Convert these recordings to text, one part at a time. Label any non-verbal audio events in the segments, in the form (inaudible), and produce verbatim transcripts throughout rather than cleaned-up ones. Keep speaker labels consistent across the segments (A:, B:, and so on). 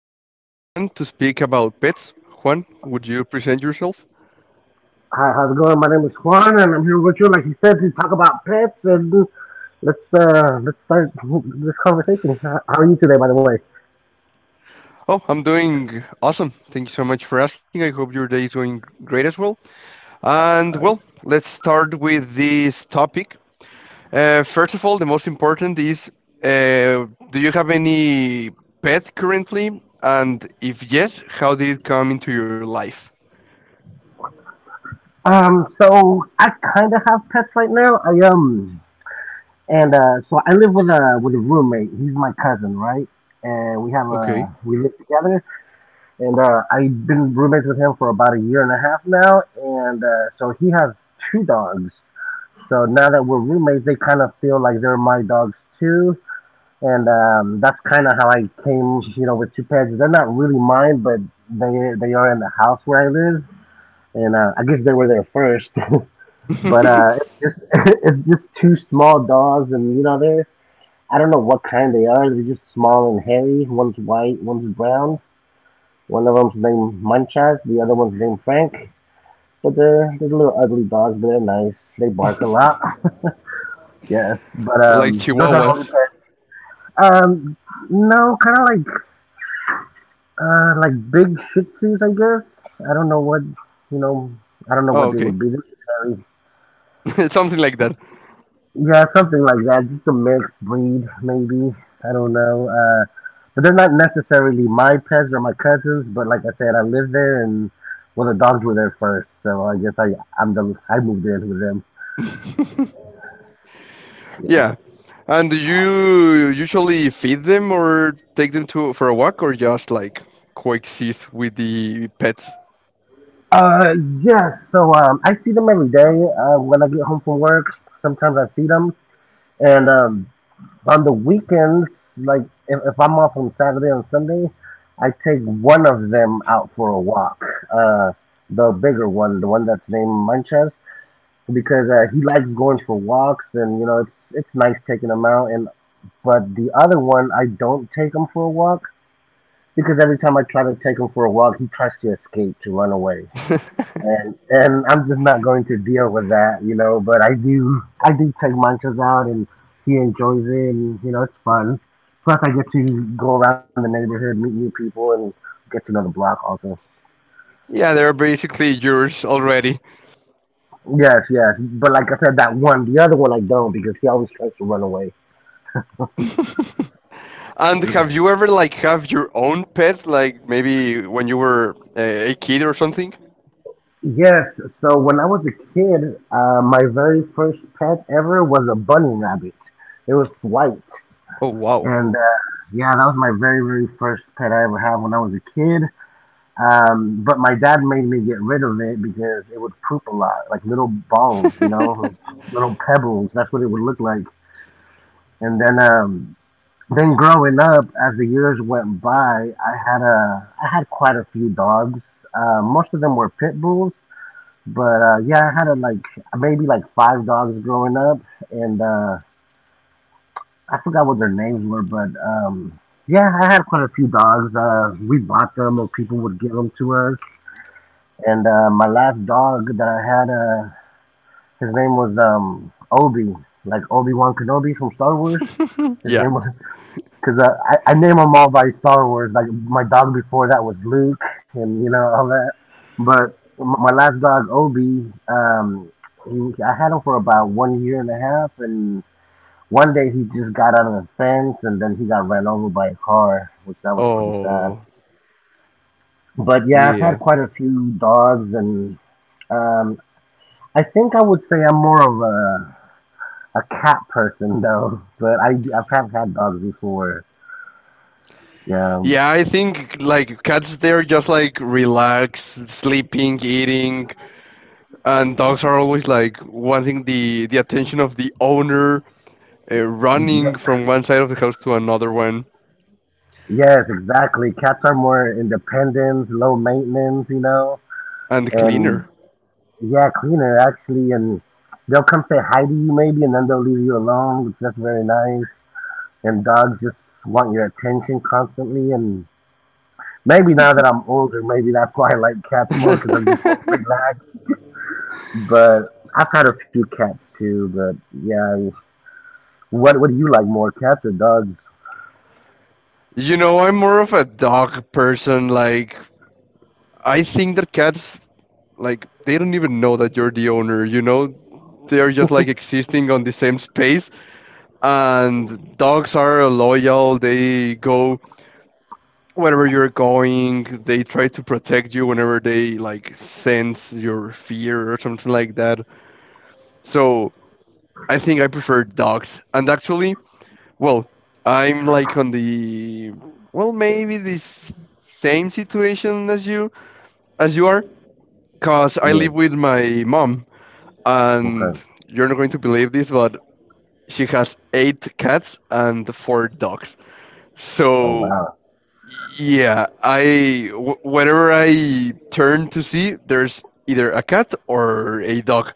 A: with Juan to speak about pets. Juan, would you present yourself?
B: Hi, how's it going? My name is Juan, and I'm here with you, like he said, to talk about pets. And let's uh, let's start this conversation. How are you today, by the way?
A: Oh, I'm doing awesome. Thank you so much for asking. I hope your day is going great as well. And well, let's start with this topic. Uh, first of all, the most important is uh, do you have any pet currently? And if yes, how did it come into your life?
B: Um, so I kind of have pets right now. I um, and uh, so I live with a with a roommate. He's my cousin, right? And we have
A: Okay.
B: a we live together, and uh, I've been roommates with him for about a year and a half now. And uh, so he has two dogs. So now that we're roommates, they kind of feel like they're my dogs too and um, that's kind of how I came, you know, with two pets. They're not really mine, but they they are in the house where I live, and uh, I guess they were there first. (laughs) but uh, It's
A: (laughs)
B: just (laughs) it's just two small dogs, and you know they're I don't know what kind they are. They're just small and hairy. One's white, one's brown. One of them's named Manchas, the other one's named Frank. But they're they're little ugly dogs, but they're nice. They bark a lot. (laughs) yes, but
A: Like
B: um, those are the
A: chihuahuas.
B: only pets. Um, no, kind of like Uh, like big Shih Tzus, I guess. I don't know what you know. I don't know
A: Oh,
B: what they
A: okay.
B: would be. They're just very-
A: (laughs) Something like that.
B: Yeah, something like that. Just a mixed breed, maybe. I don't know. Uh, but they're not necessarily my pets or my cousins. But like I said, I lived there, and well, the dogs were there first, so I guess I I'm the I moved in with them. Yeah.
A: Yeah. And do you usually feed them or take them to for a walk or just like coexist with the pets?
B: Uh, yes. So um, I see them every day uh, when I get home from work. Sometimes I see them, and um, On the weekends, like if, if I'm off on Saturday and Sunday, I take one of them out for a walk. Uh, the bigger one, the one that's named Munchas, because uh, he likes going for walks, and you know it's it's nice taking him out. And But the other one, I don't take him for a walk because every time I try to take him for a walk, he tries to escape to run away
A: (laughs)
B: and and I'm just not going to deal with that, you know. But I do I do take Manchas out, and he enjoys it, and you know it's fun. Plus, I get to go around the neighborhood, meet new people, and get to know the block also.
A: Yeah, they're basically yours already.
B: Yes, yes. But like I said, that one, the other one I don't because he always tries to run away.
A: (laughs) And have you ever like have your own pet like maybe when you were a, a kid or something?
B: Yes. So when I was a kid, uh, my very first pet ever was a bunny rabbit. It was white,
A: Oh wow.
B: and uh, yeah, that was my very very first pet I ever had when I was a kid. Um, but my dad made me get rid of it because it would poop a lot, like little balls, you know,
A: (laughs)
B: like little pebbles. That's what it would look like. And then, um, then growing up, as the years went by, I had a, I had quite a few dogs. Uh, most of them were pit bulls, but uh, yeah, I had a, like maybe like five dogs growing up, and uh, I forgot what their names were, but um, yeah, I had quite a few dogs. Uh, we bought them, or people would give them to us. And uh, my last dog that I had, uh, his name was um, Obi, like Obi Wan Kenobi from Star Wars. His
A: Yeah.
B: name was (laughs) because uh, I I name them all by Star Wars. Like my dog before that was Luke, and you know all that. But m- my last dog Obi, um, he, I had him for about one year and a half, and one day he just got out of the fence, and then he got ran over by a car, which that was pretty sad.
A: Oh,
B: But yeah, I've
A: yeah.
B: had quite a few dogs and. um, I think I would say I'm more of a a cat person though, but I I have had dogs before. Yeah,
A: Yeah, I think like cats, they're just like relaxed, sleeping, eating, and dogs are always like wanting the the attention of the owner, uh, running
B: Ye-
A: from one side of the house to another one,
B: yes, exactly. Cats are more independent, low maintenance, you know,
A: and the cleaner.
B: and yeah, cleaner actually, and they'll come say hi to you maybe, and then they'll leave you alone, which that's very nice. And dogs just want your attention constantly, and maybe now that I'm older, maybe that's why I like cats more because I'm just more
A: (laughs)
B: relaxed. But I've had a few cats too, but yeah, What What do you like more, cats or dogs?
A: You know, I'm more of a dog person. Like, I think that cats, like, they don't even know that you're the owner. You know, they're just like existing on the same space. And dogs are loyal. They go whenever you're going, they try to protect you whenever they like sense your fear or something like that. So I think I prefer dogs. And actually, well, I'm like on the well, maybe this same situation as you as you are, cause I
B: Yes.
A: live with my mom,
B: Okay.
A: and you're not going to believe this, but she has eight cats and four dogs.
B: Oh
A: So
B: wow.
A: yeah, I wh- whenever I turn to see, there's either a cat or a dog.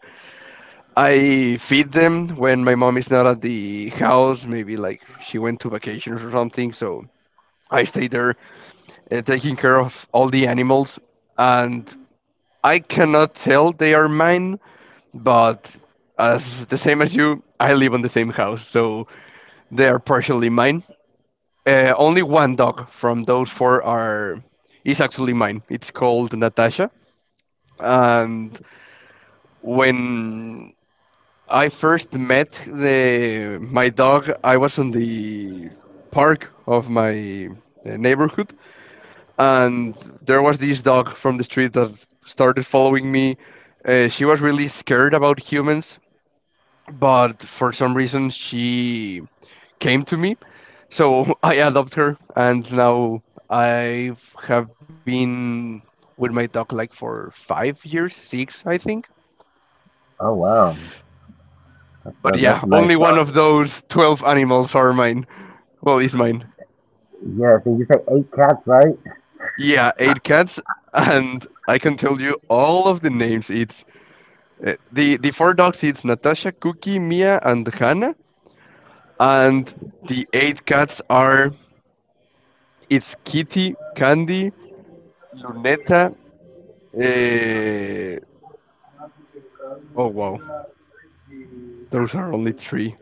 A: I feed them when my mom is not at the house. Maybe like she went to vacations or something, so I stay there uh, taking care of all the animals. And I cannot tell they are mine, but as the same as you, I live on the same house, so they are partially mine. Uh, only one dog from those four are is actually mine. It's called Natasha, and when I first met the my dog, I was in the park of my uh, neighborhood, and there was this dog from the street that started following me. Uh, she was really scared about humans, but for some reason she came to me. So (laughs) I adopted her, and now I have been with my dog like for five years, six, I think.
B: Oh wow. That's
A: But
B: a,
A: yeah,
B: that's a nice
A: only one of
B: story.
A: those twelve animals are mine. Well, is mine.
B: Yes, and you say eight cats, right?
A: Yeah, eight cats, and I can tell you all of the names. It's uh, the the four dogs. It's Natasha, Cookie, Mia, and Hannah. And the eight cats are it's Kitty, Candy, Luneta. Uh, oh wow, those are only three.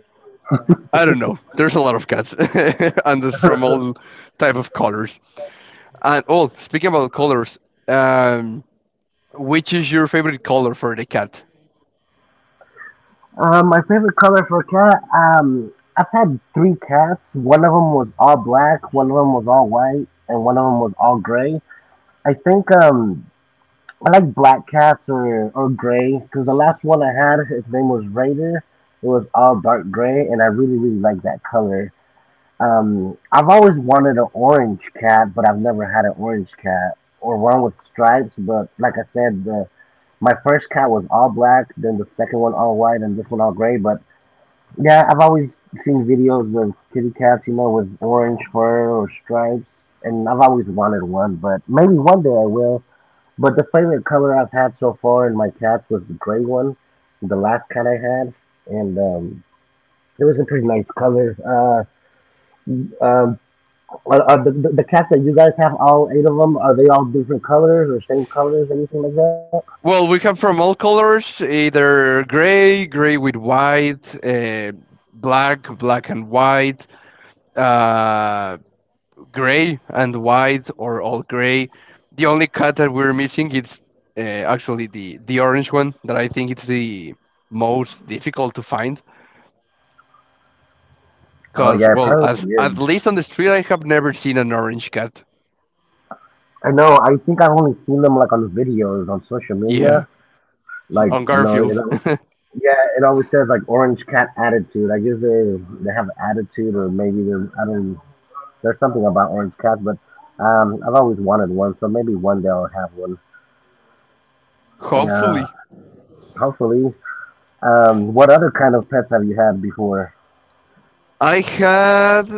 A: I don't know. There's a lot of cats, (laughs) and there's from all type of colors. And oh, speaking about colors, um, which is your favorite color for the cat?
B: Um, my favorite color for a cat. Um, I've had three cats. One of them was all black. One of them was all white, and one of them was all gray. I think um, I like black cats or or gray because the last one I had, his name was Raider. It was all dark gray, and I really really like that color. Um, I've always wanted an orange cat, but I've never had an orange cat or one with stripes. But like I said, the, my first cat was all black, then the second one all white, and this one all gray. But yeah, I've always seen videos of kitty cats, you know, with orange fur or stripes, and I've always wanted one. But maybe one day I will. But the favorite color I've had so far in my cats was the gray one, the last cat I had, and um, it was a pretty nice color. Uh, um, Are, are the, the the cats that you guys have, all eight of them, are they all different colors or same colors, anything like that?
A: Well, we come from all colors, either gray, gray with white, uh, black, black and white, uh, gray and white, or all gray. The only cat that we're missing is uh, actually the the orange one that I think it's the most difficult to find.
B: Oh
A: Cause
B: yeah, it
A: well, as
B: probably is.
A: at least on the street, I have never seen an orange cat.
B: I know. I think I've only seen them like on the videos on social
A: Yeah,
B: media. Like
A: on
B: you know, it,
A: Garfield.
B: yeah, it always says like orange cat attitude. I guess they they have attitude, or maybe they're I don't. There's something about orange cats, but um, I've always wanted one, so maybe one day I'll have one. Yeah,
A: (laughs) Hopefully,
B: hopefully. Um, what other kind of pets have you had before?
A: I had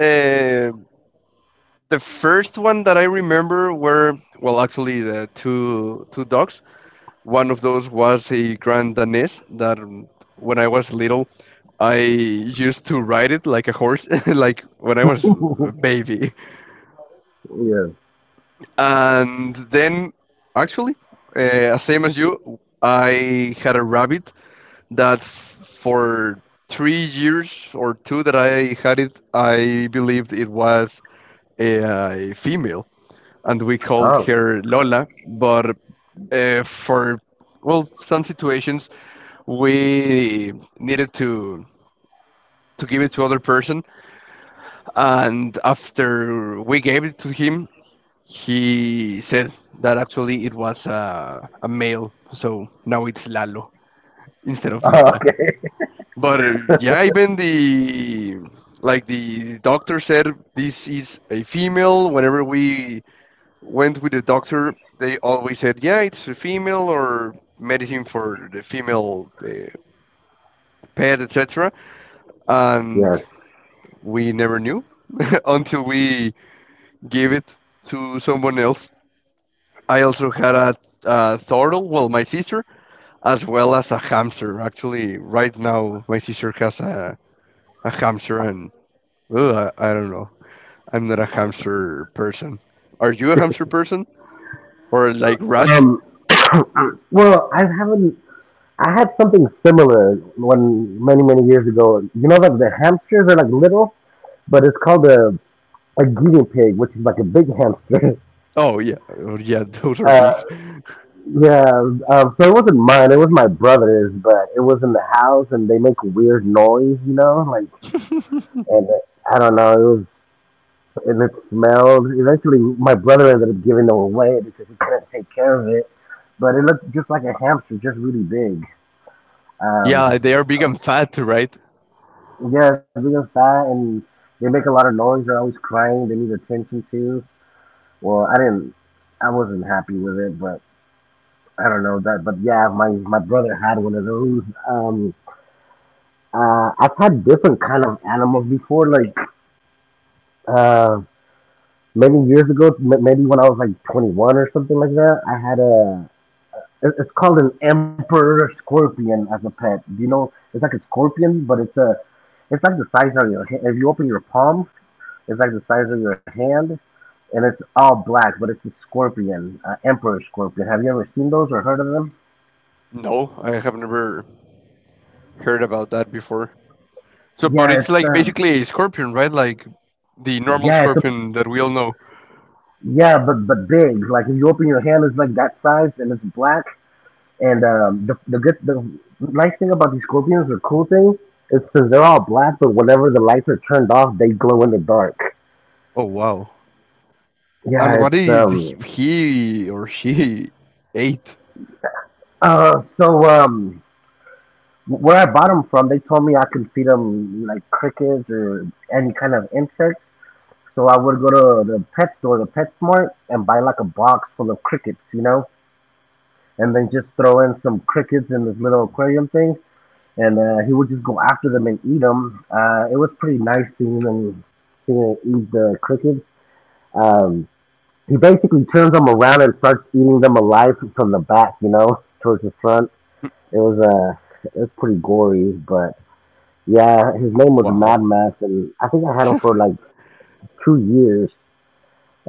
A: uh, the first one that I remember were well, actually, the two two dogs. One of those was a Grand Danés that, um, when I was little, I used to ride it like a horse, (laughs) like when I was a baby.
B: Yeah.
A: And then, actually, uh, same as you, I had a rabbit that f- for three years or two that I had it, I believed it was a, a female, and we called
B: Oh.
A: her Lola. But uh, for well, some situations we needed to to give it to other person, and after we gave it to him, he said that actually it was a, a male, so now it's Lalo instead of
B: Oh,
A: Lola.
B: okay.
A: But uh, yeah, even the like the doctor said, this is a female. Whenever we went with the doctor, they always said, yeah, it's a female or medicine for the female uh, pet, et cetera.
B: (laughs)
A: And
B: Yes.
A: we never knew (laughs) until we gave it to someone else. I also had a, a turtle, well, my sister, as well as a hamster. Actually, right now, my sister has a, a hamster, and uh, I I don't know. I'm not a hamster person. Are you a hamster person or like rat?
B: Um, (coughs) well, I haven't. I had something similar when many many years ago. You know, like the hamsters are like little, but it's called a a guinea pig, which is like a big hamster. (laughs)
A: Oh yeah, oh, yeah, (laughs) those are
B: Uh,
A: big.
B: yeah. Um, so it wasn't mine. It was my brother's, but it was in the house, and they make weird noise. You know, like and it, I don't know. It was and it smelled. Eventually, my brother ended up giving them away because he couldn't take care of it. But it looked just like a hamster, just really big.
A: (laughs) Yeah,
B: Um,
A: they are big and fat, right?
B: Yeah, because fat and they make a lot of noise. They're always crying. They need attention too. Well, I didn't. I wasn't happy with it, but I don't know that. But yeah, my my brother had one of those. Um, uh, I've had different kind of animals before, like uh, many years ago, m- maybe when I was like twenty-one or something like that. I had a. it- It's called an emperor scorpion as a pet. You know, it's like a scorpion, but it's a. It's like the size of your. ha- If you open your palm, it's like the size of your hand, and it's all black, but it's a scorpion, uh, emperor scorpion. Have you ever seen those or heard of them?
A: No, I have never heard about that before. So, but
B: Yeah,
A: it's
B: it's
A: like
B: um,
A: basically a scorpion, right? Like the normal
B: yeah, it's a
A: scorpion that we all know.
B: Yeah, but but big. Like if you open your hand, it's like that size, and it's black. And um, the the good the nice thing about these scorpions, the cool thing, is because they're all black, but whenever the lights are turned off, they glow in the dark.
A: Oh wow!
B: Yeah,
A: And
B: it's
A: what is
B: um
A: he- he or she (laughs) ate?
B: uh so um Where I bought them from, they told me I could feed them like crickets or any kind of insects. So I would go to the pet store, the PetSmart, and buy like a box full of crickets, you know, and then just throw in some crickets in this little aquarium thing, and uh, he would just go after them and eat them. Uh, it was pretty nice seeing him, seeing him eat the crickets. Um, he basically turns them around and starts eating them alive from the back, you know, towards the front. It was uh, it was pretty gory, but yeah, his name was
A: Wow.
B: Mad Max, and I think I had him for like two years.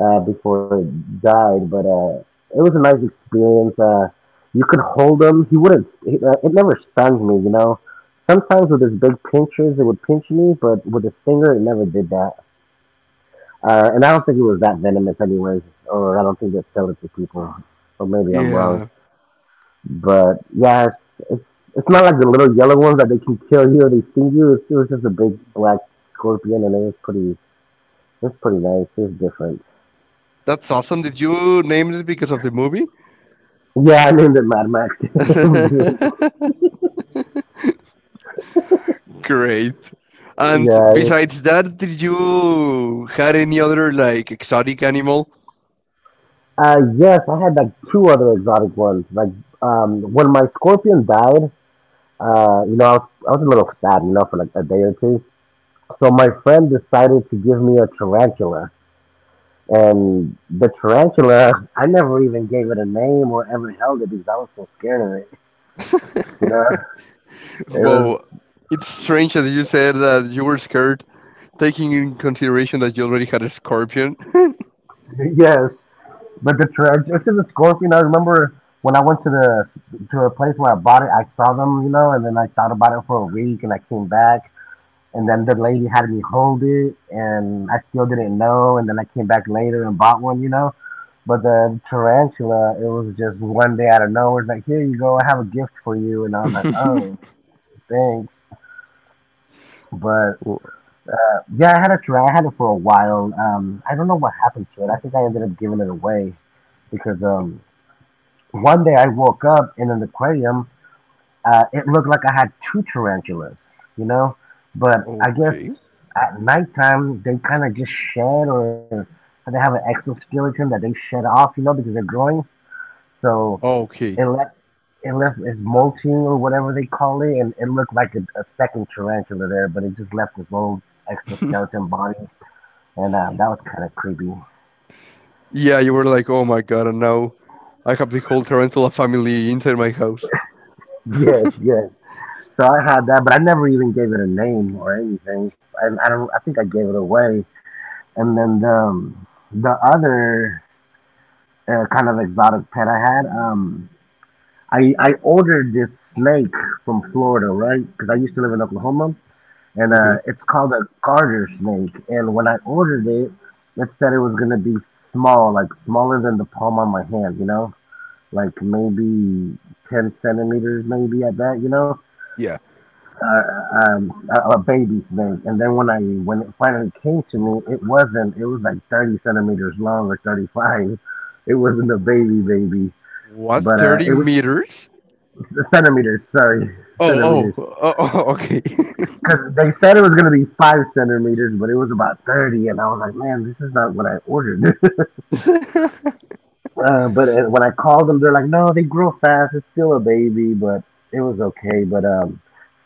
B: uh, Before it died. But uh, it was a nice experience. Uh, you could hold him. He wouldn't. It, uh, it never stung me, you know. Sometimes with his big pinchers, it would pinch me, but with his finger, it never did that. Uh, and I don't think it was that venomous, anyways, or I don't think they sold it to people. Or maybe I'm wrong.
A: Yeah,
B: But yeah, it's, it's it's not like the little yellow ones that they can kill you or they sting you. It was just a big black scorpion, and it was pretty. It was pretty nice. It was different.
A: that's awesome. Did you name it because of the movie?
B: Yeah, (laughs) I named it Mad Max. (laughs)
A: (laughs) Great. And
B: Yeah. it-
A: besides that, did you had any other like exotic animal?
B: Uh, yes, I had like two other exotic ones. Like, um, when my scorpion died, uh, you know, I was, I was a little sad, you know, for like a day or two. So my friend decided to give me a tarantula. And the tarantula, (laughs) I never even gave it a name or ever held it because I was so scared of it. You
A: (laughs)
B: know, it was,
A: Wow, it's strange that you said that you were scared, taking in consideration that you already had a scorpion.
B: (laughs) yes. But the tarantula, it's a scorpion. I remember when I went to the, to a place where I bought it, I saw them, you know, and then I thought about it for a week and I came back. And then the lady had me hold it, and I still didn't know. And then I came back later and bought one, you know. But the tarantula, it was just one day out of nowhere. It's like, here you go, I have a gift for you. And I was like, oh,
A: (laughs)
B: thanks. But
A: O-
B: uh, Yeah, I had a tarantula. I had it for a while. Um, I don't know what happened to it. I think I ended up giving it away because um, one day I woke up in an aquarium. Uh, it looked like I had two tarantulas, you know. But I guess
A: okay.
B: at nighttime they kind of just shed, or they have an exoskeleton that they shed off, you know, because they're growing. So
A: Okay.
B: it left, it left, it's molting or whatever they call it, and it looked like a, a second tarantula there, but it just left its own
A: (laughs)
B: exoskeleton body, and uh, that was kind of creepy.
A: Yeah, you were like, oh my god, and now I have the whole tarantula family inside my house. (laughs)
B: Yes, yes. So I had that, but I never even gave it a name or anything. And I don't. I think I gave it away. And then the um, the other uh, kind of exotic pet I had, um, I I ordered this snake from Florida, right? Because I used to live in Oklahoma, and uh,
A: Okay.
B: it's called a garter snake. And when I ordered it, it said it was gonna be small, like smaller than the palm on my hand, you know, like maybe ten centimeters, maybe at that, you know.
A: Yeah.
B: uh, um, a, a baby snake. And then when I when it finally came to me, it wasn't. It was like thirty centimeters long or thirty-five. It wasn't a baby baby,
A: What,
B: but uh,
A: thirty
B: it was
A: meters?
B: centimeters. Sorry, (laughs)
A: Oh,
B: centimeters.
A: oh, oh, oh
B: Because they said it was gonna be five centimeters, but it was about thirty, and I was like, man, this is not what I ordered. (laughs)
A: okay. (laughs)
B: Uh, but uh, when I called them, they're like, no, they grow fast. It's still a baby, but it was okay. But um,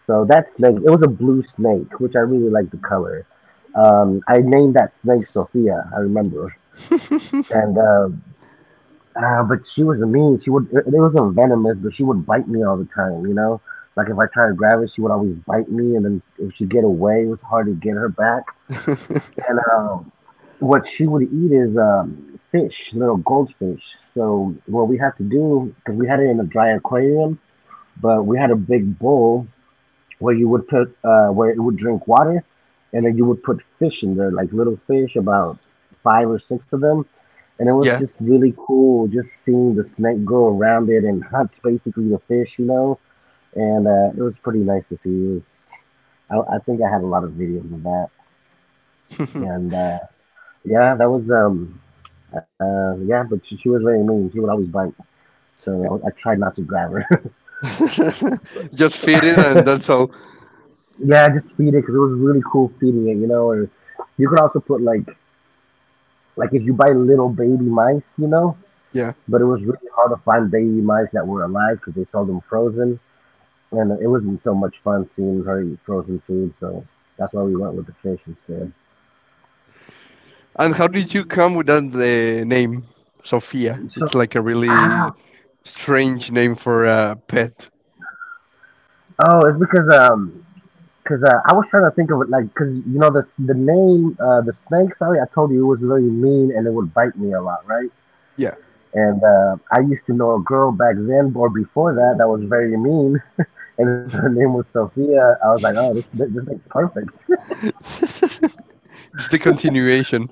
B: so that snake, it was a blue snake, which I really like the color. Um, I named that snake Sophia. I remember. And uh, uh, but she was mean. She would. It it wasn't venomous, but she would bite me all the time. You know, like if I tried to grab it, she would always bite me, and then if she get away, it was hard to get her back.
A: (laughs)
B: And um, What she would eat is um, fish, little goldfish. So what we had to do, because we had it in a dry aquarium, but we had a big bowl where you would put, uh, where it would drink water, and then you would put fish in there, like little fish, about five or six of them. And it was
A: yeah.
B: just really cool, just seeing the snake go around it and hunt basically the fish, you know. And uh, It was pretty nice to see. It was, I, I think I had a lot of videos of that.
A: (laughs)
B: And uh, Yeah, that was um uh yeah, but she, she was very mean. She would always bite, so I, I tried not to grab her.
A: Just fit in and
B: (laughs)
A: that's all.
B: Yeah, just feed it because it was really cool feeding it, you know. Or you could also put like like if you buy little baby mice, you know.
A: Yeah.
B: But it was really hard to find baby mice that were alive because they sold them frozen, and it wasn't so much fun seeing her eat frozen food. So that's why we went with the fish instead.
A: And how did you come with that the name Sophia?
B: So
A: It's like a really
B: ah,
A: strange name for a pet.
B: oh, it's because um Cause uh, I was trying to think of it, like, cause you know the the name, uh, the snake. Sorry, I told you it was very mean and it would bite me a lot, right?
A: Yeah.
B: And uh, I used to know a girl back then or before that that was very mean, (laughs) and her name was Sophia. I was like, oh, this this, this thing's perfect. (laughs)
A: (laughs) It's the continuation.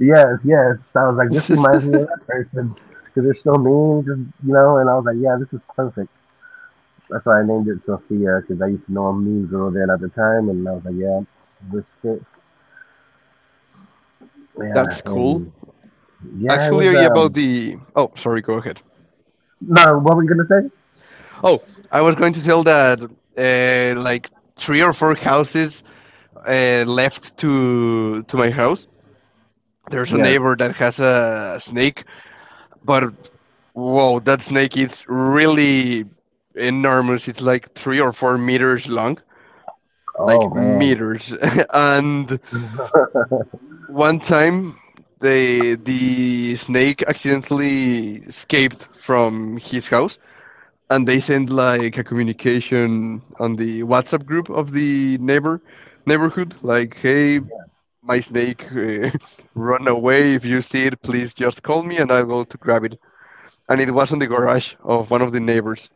B: Yes, yes. So I was like, this reminds me of that
A: (laughs)
B: person because they're so mean, just, you know. And I was like, yeah, this is perfect. That's why I named it Sophia because I used to know a mean girl then at the time, and I was like, yeah, this fits. Yeah,
A: That's cool.
B: and yeah, it was
A: Actually, about
B: um
A: the. Oh, sorry, go ahead.
B: No, what were you gonna say?
A: Oh, I was going to tell that, uh, like, three or four houses uh, left to to my house there's
B: Yes.
A: a neighbor that has a snake, but whoa, that snake is really enormous. It's like three or four meters long,
B: Oh
A: like
B: man.
A: meters. (laughs) And
B: (laughs)
A: one time, the the snake accidentally escaped from his house, and they sent like a communication on the WhatsApp group of the neighbor neighborhood, like, hey, my snake (laughs) uh, run away. If you see it, please just call me, and I'll go to grab it. And it was on the garage of one of the neighbors.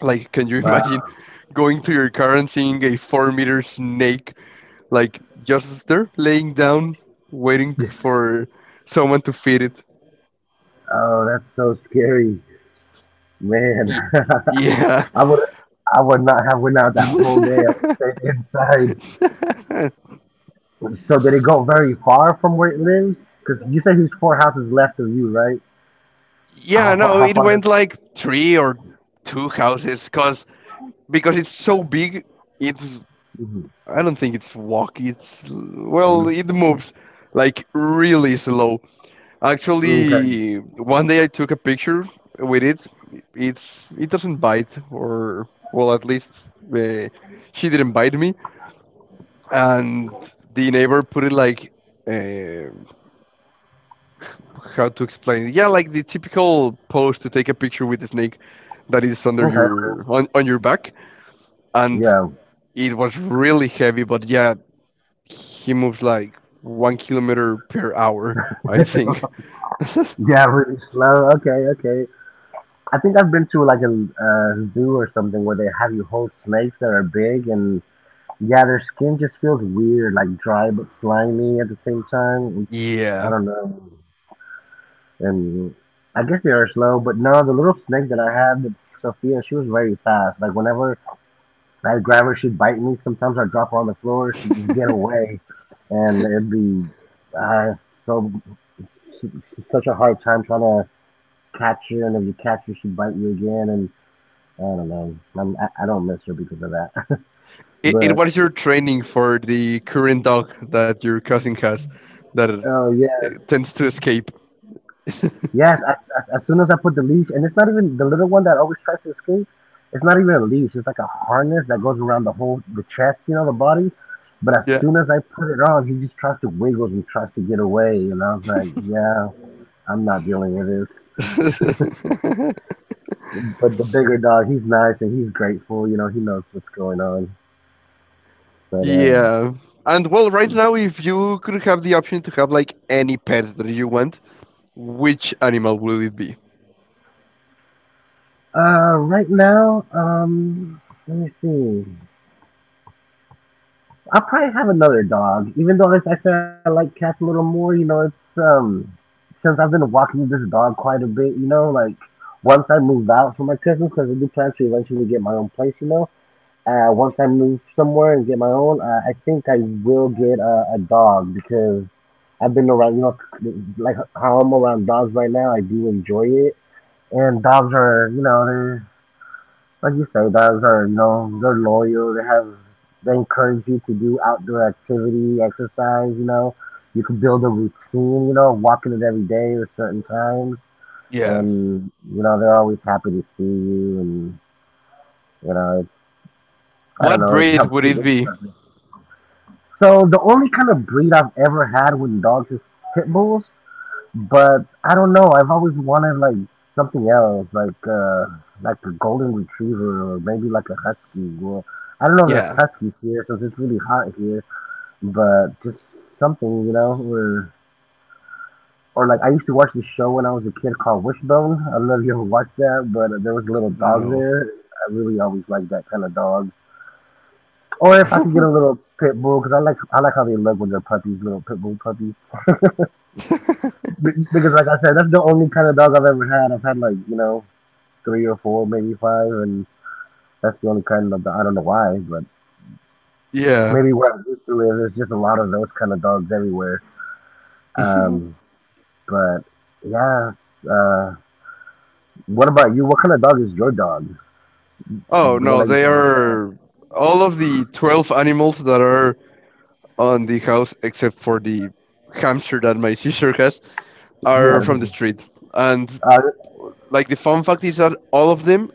A: Like, can you (laughs) imagine
B: Wow.
A: going to your car and seeing a four meter snake, like just there, laying down, waiting for someone to feed it?
B: Oh, that's so scary, man.
A: Ye- Yeah.
B: (laughs) I would I would not have went out that whole day. I would
A: (laughs)
B: have stayed inside. So did it go very far from where it lives? Because you said he's four houses left of you, right?
A: Yeah,
B: How far?
A: no,
B: How
A: it
B: far? Is,
A: went like three or two houses, cause because it's so big, it's
B: mm-hmm.
A: I don't think it's walk. It's well, it moves like really slow.
B: Okay.
A: Actually, one day I took a picture with it. It's it doesn't bite, or well, at least uh, she didn't bite me. And the neighbor put it like, uh, how to explain it? Yeah, like the typical pose to take a picture with the snake that is under
B: Okay.
A: your on, on your back. And
B: Yeah.
A: it was really heavy, but yeah, he moves like one kilometer per hour, I think. (laughs)
B: Yeah. Really slow. Okay. Okay. I think I've been to like a uh, zoo or something where they have you hold snakes that are big. And yeah, their skin just feels weird, like dry but slimy at the same time. It's, I
A: Yeah.
B: don't know. And I guess they are slow, but no, the little snake that I had, the Sophia, she was very fast. Like whenever I'd grab her, she'd bite me. Sometimes I'd drop her on the floor, she'd just get away, and it'd be uh, so such a hard time trying to catch her. And if you catch her, she'd bite you again. And I don't know. I'm, I, I don't miss her because of that. (laughs)
A: it, it
B: but
A: was your training for the current dog that your cousin has that uh,
B: Oh yeah.
A: it tends to escape. (laughs)
B: Yes, as, as, as soon as I put the leash, and it's not even the little one that always tries to escape. It's not even a leash. It's like a harness that goes around the whole the chest, you know, the body. But as
A: Yeah.
B: soon as I put it on, he just tries to wiggle and tries to get away. And I was like, yeah, I'm not dealing with this.
A: (laughs)
B: But the bigger dog, he's nice and he's grateful. You know, he knows what's going on. But um,
A: Yeah. And well, right now, if you could have the option to have like any pet that you want, which animal will it be?
B: uh, Right now, um, let me see. I'll probably have another dog, even though like I said I like cats a little more. You know, it's um Since I've been walking this dog quite a bit. You know, like once I move out for my Christmas, because I do plan to eventually get my own place. You know, uh, once I move somewhere and get my own, uh, I think I will get a, a dog because I've been around. You know, like how I'm around dogs right now, I do enjoy it, and dogs are you know they're like you say, those are you know they're loyal. They have they encourage you to do outdoor activity, exercise. You know, you can build a routine. You know, walking it every day at certain times,
A: Yeah.
B: and you know they're always happy to see you. And you know, it's, I don't
A: What
B: know, it
A: breed
B: helps
A: would
B: you
A: it
B: build
A: be?
B: something. So the only kind of breed I've ever had with dogs is pit bulls. But I don't know. I've always wanted like something else, like uh, like a golden retriever or maybe like a husky. Well, I don't know if there's
A: Yeah.
B: huskies here since it's really hot here, but just something, you know, or or like I used to watch this show when I was a kid called Wishbone. I don't know if you ever watched that, but uh, there was a little dog
A: No.
B: there. I really always liked that kind of dog. Or if I could get a
A: (laughs)
B: little pit bull, because I like I like how they look when they're puppies, little pit bull puppies. (laughs) Be- because like I said, that's the only kind of dog I've ever had. I've had like you know three or four, maybe five, and that's the only kind of I don't know why, but
A: Yeah.
B: maybe where I used to live, there's just a lot of those kind of dogs everywhere.
A: (laughs)
B: Um, but yeah, uh, what about you? What kind of dog is your dog?
A: Oh,
B: The one
A: no,
B: that you
A: they
B: said you found?
A: are all of the twelve animals that are on the house, except for the hamster that my sister has,
B: (laughs)
A: are from the
B: Yes.
A: street. And
B: Uh,
A: like the fun fact is that all of them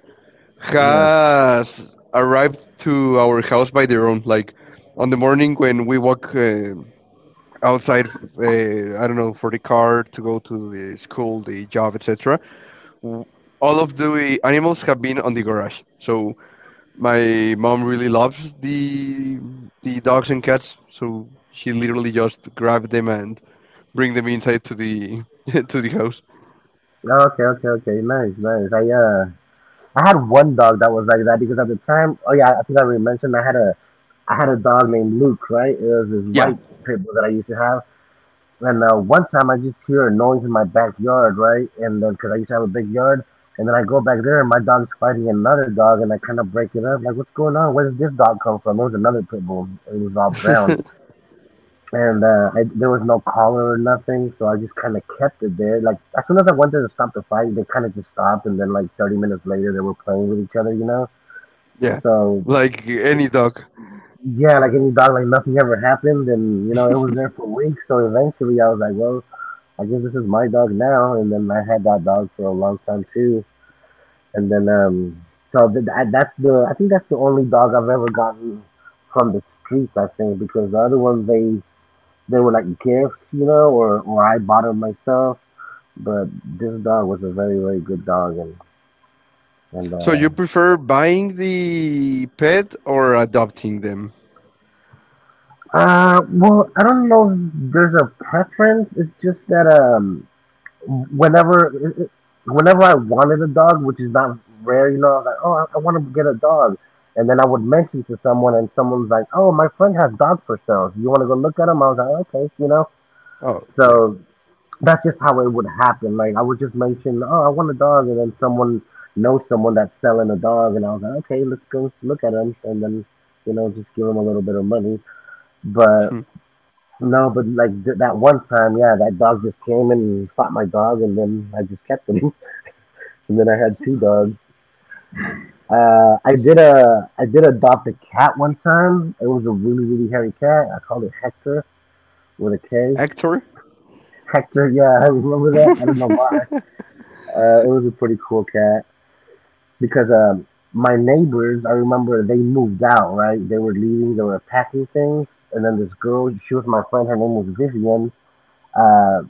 B: yes.
A: has arrived to our house by their own. Like on the morning when we walk uh, outside, uh, I don't know, for the car to go to the school, the job, et cetera w- All of the animals have been on the garage. So my mom really loves the the dogs and cats. So she literally just grabbed them and bring them inside to the (laughs) to the house.
B: Oh, okay, okay, okay. Nice, nice. I uh, I had one dog that was like that because at the time, oh yeah, I think I already mentioned I had a I had a dog named Luke, right? It was this
A: Yeah,
B: white pit bull that I used to have. And uh, one time I just hear a noise in my backyard, right? And then, because I used to have a big yard, and then I go back there, and my dog's fighting another dog, and I kind of break it up. Like, what's going on? Where did this dog come from? There was another pit bull. It was all brown.
A: (laughs)
B: And uh, I, there was no collar or nothing, so I just kind of kept it there. Like, as soon as I went there to stop the fight, they kind of just stopped, and then, like, thirty minutes later, they were playing with each other, you know?
A: yeah,
B: So,
A: like any dog.
B: yeah, like any dog, like nothing ever happened, and, you know, it was there for weeks, so eventually I was like, well, I guess this is my dog now, and then I had that dog for a long time too, and then um, so th- th- that's the I think that's the only dog I've ever gotten from the streets. I think because the other ones they they were like gifts, you know, or or I bought them myself. But this dog was a very very good dog, and and
A: So
B: uh,
A: you prefer buying the pet or adopting them?
B: uh well, I don't know if there's a preference. It's just that um whenever whenever I wanted a dog, which is not rare, you know, I was like, oh, I, I want to get a dog. And then I would mention to someone, and someone's like, oh, my friend has dog for sale. You want to go look at him? I was like, okay, you know.
A: Oh, yeah.
B: So that's just how it would happen. Like I would just mention, oh, I want a dog, and then someone knows someone that's selling a dog, and I was like, okay, let's go look at him, and then you know, just give him a little bit of money. But
A: Hmm.
B: no, but like th- that one time, yeah, that dog just came and fought my dog, and then I just kept him. (laughs) And then I had two dogs. Uh, I did a I did adopt a cat one time. It was a really really hairy cat. I called it Hector with a K.
A: Actor?
B: Hector, yeah, (laughs) I remember
A: (laughs)
B: that. I don't know why. Uh, it was a pretty cool cat because um, my neighbors, I remember they moved out. Right, they were leaving. They were packing things, and then this girl, she was my friend. Her name was Vivian. Uh,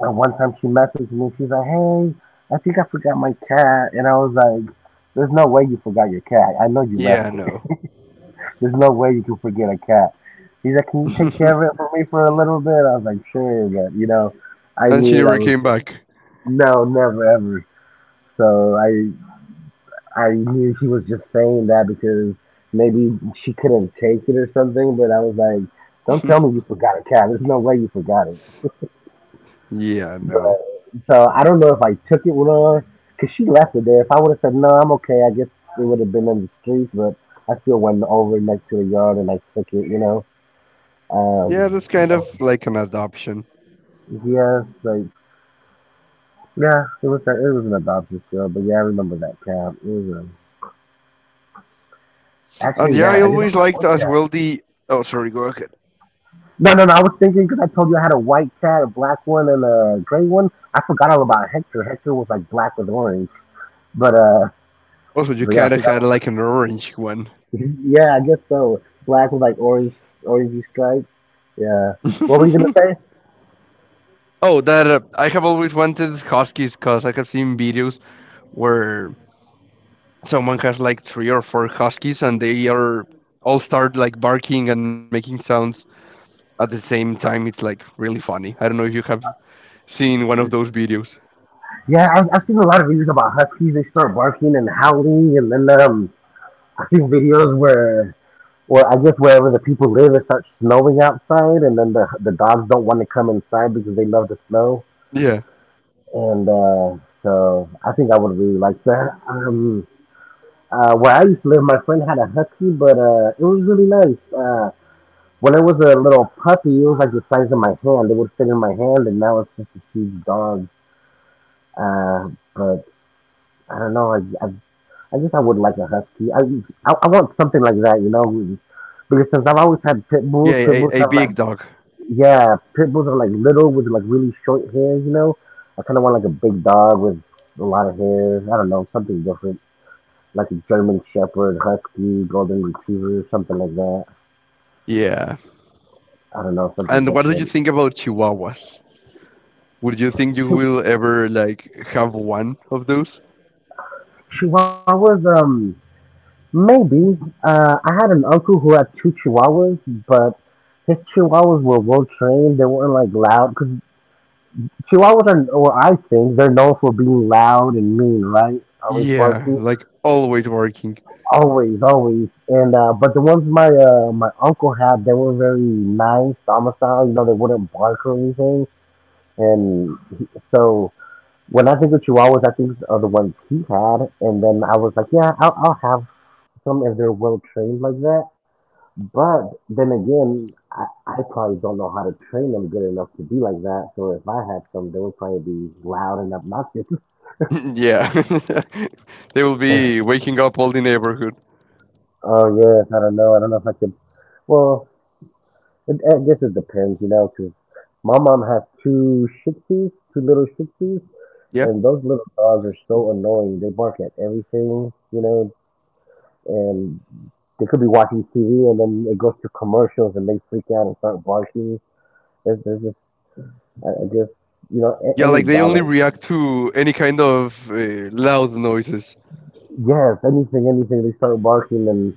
B: and one time she messaged me. She's like, "Hey, I think I forgot my cat," and I was like, "There's no way you forgot your cat. I know you
A: Yeah,
B: left it."
A: no.
B: There's no way you can forget a cat. He's like, can you take care of it
A: (laughs)
B: for me for a little bit? I was like, sure, but you know, I
A: And she
B: knew that
A: never
B: was
A: came
B: just
A: back.
B: no, never ever. So I I knew she was just saying that because maybe she couldn't take it or something. But I was like, don't tell
A: (laughs)
B: me you forgot a cat. There's no way you forgot it.
A: Yeah,
B: But
A: no.
B: so I don't know if I took it with her because she left it there. If I would have said no, I'm okay. I guess it would have been in the streets, but I still went over next to the yard and I took it. You know,
A: Yeah,
B: um,
A: that's kind
B: that was
A: of like an adoption.
B: yeah, like yeah, it was that it was an adoption show, but yeah, I remember that cat. It was a,
A: And
B: actually
A: yeah, I
B: that I just
A: always
B: had a
A: liked
B: white
A: as
B: cat.
A: well the. Oh, sorry, go ahead.
B: No, no, no. I was thinking because I told you I had a white cat, a black one, and a gray one. I forgot all
A: Yeah.
B: about Hector. Hector was like black with orange, but uh,
A: Also, you
B: but yeah, I
A: kind of
B: forgot.
A: had like an orange one.
B: (laughs) Yeah, I guess so. Black with like orange, orangey stripes. Yeah. What were you gonna
A: (laughs)
B: say?
A: Oh, that uh, I have always wanted huskies because I have seen videos where someone has like three or four huskies and they are all start like barking and making sounds at the same time. It's like really funny. I don't know if you have seen one of those videos.
B: Yeah, I, I've seen a lot of videos about huskies. They start barking and howling, and then um, I've seen videos where, well, I guess wherever the people live, it starts snowing outside, and then the the dogs don't want to come inside because they love the snow.
A: Yeah,
B: And uh, so I think I would really like that. Um, uh, where I used to live, my friend had a husky, but uh, it was really nice. Uh, when it was a little puppy, it was like the size of my hand. It would fit in my hand, and now it's just a huge dog. Uh, but I don't know. I, I, I guess I would like a husky. I, I I want something like that, you know, because since I've always had
A: yeah,
B: pit
A: a,
B: bulls,
A: a
B: pit bulls
A: big
B: have
A: dog.
B: like yeah, pit bulls are like little with like really short hair, you know? I kind of want like a big dog with a lot of hair. I don't know, something different. Like a German Shepherd, Husky, Golden Retriever, something like that.
A: Yeah.
B: I don't know, something
A: And what do you
B: different.
A: think about chihuahuas? Would you think you
B: Chi-
A: will ever like have one of those?
B: Chihuahuas, um, maybe. Uh, I had an uncle who had two Chihuahuas, but his Chihuahuas were well trained. They weren't like loud, because Chihuahuas are, or I think, they're known for being loud and mean, right? Always
A: Yeah,
B: barking.
A: like always barking.
B: Always, always. And uh but the ones my uh my uncle had, they were very nice, Dama style, you know, they wouldn't bark or anything. And he, so when I think of Chihuahuas, I think of the ones he had. And then I was like, yeah, I'll, I'll have some if they're well trained like that. But then again, I, I probably don't know how to train them good enough to be like that. So if I had some, they would probably be loud and obnoxious. (laughs)
A: (laughs) Yeah. (laughs) They will be waking up all the neighborhood.
B: Oh yes, I don't know. I don't know if I could. Well, it, I guess it depends, you know. Cause my mom has two Shih Tzus, two little Shih Tzus,
A: Yeah.
B: and those little dogs are so annoying. They bark at everything, you know, and they could be watching T V and then it goes to commercials and they freak out and start barking. There's, there's just, I, I guess, you know, a,
A: Yeah,
B: any
A: like they
B: dog.
A: only
B: Like
A: react to any kind of uh, loud noises.
B: yes, anything, anything. They start barking and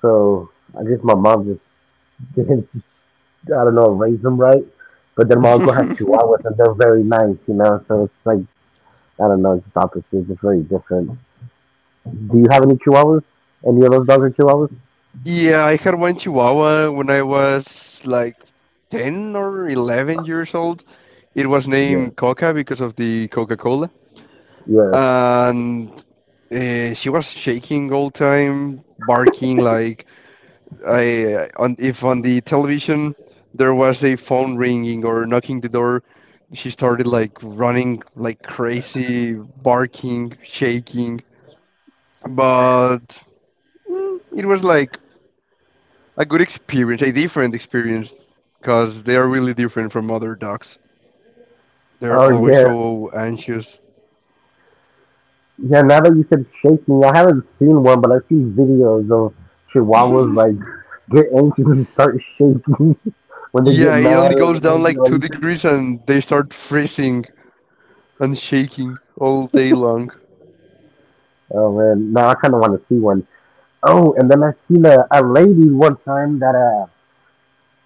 B: so I guess my mom just (laughs) didn't, I don't know, raise them right. But then my uncle has
A: (laughs)
B: chihuahuas and they're very nice, you know, so it's like I don't know. It's just opposites. It's just very different. Do you have any chihuahuas? Any of those dogs are chihuahuas?
A: Yeah, I had one Chihuahua when I was like ten or eleven years old. It was
B: Yeah.
A: named Coca because of the Coca-Cola.
B: Yes.
A: And uh, she was shaking all time, barking like I uh, on if on the television there was a phone ringing or knocking the door, she started like running like crazy, barking, shaking. But mm, it was like a good experience, a different experience, because they are really different from other dogs. They're
B: Oh
A: always
B: yeah.
A: so anxious.
B: Yeah. Now that you said shaking, I haven't seen one, but I've seen videos of chihuahuas like
A: (laughs)
B: get anxious and start shaking (laughs) when they get
A: Yeah, it
B: mad
A: only
B: or
A: goes down
B: angry.
A: like
B: Like,
A: two
B: you said.
A: degrees and they start freezing and shaking all day long.
B: Oh man. Now I kind of want to see one. Oh, and then I seen a, a lady one time that uh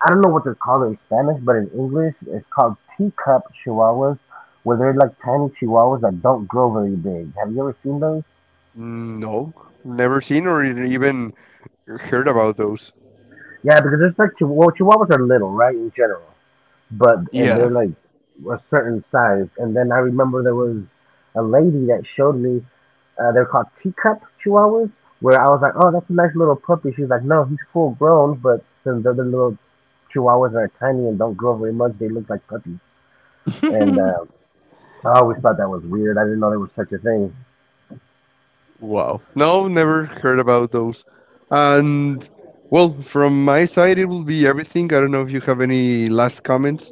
B: I don't know what they're called in Spanish, but in English it's called teacup chihuahuas, where they're like tiny chihuahuas that don't grow very big. Have you ever seen those?
A: Mm, no, never seen or even heard about those.
B: Yeah, because there's like chihu- well, chihuahuas are little, right, in general, but and they're
A: Yeah.
B: like a certain size. And then I remember there was a lady that showed me uh, they're called teacup chihuahuas, where I was like, oh, that's a nice little puppy. She's like, no, he's full grown, but since the other little chihuahuas are tiny and don't grow very much, they look like puppies. And
A: (laughs)
B: uh, I always thought that was weird. I didn't know there was such a thing.
A: Wow. No, never heard about those. And well, from my side, it will be everything. I don't know if you have any last comments.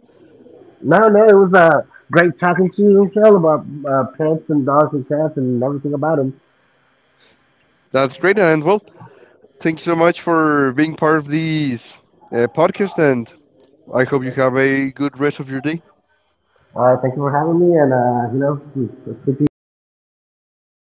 B: No, no, it was uh, great talking to you, Michelle, about uh, pets and dogs and cats and everything about them.
A: That's great. And well, thank you so much for being part of this uh, podcast. And I hope you have a good rest of your day.
B: Uh, thank you for having me, and uh, you know, I'll speak to you later.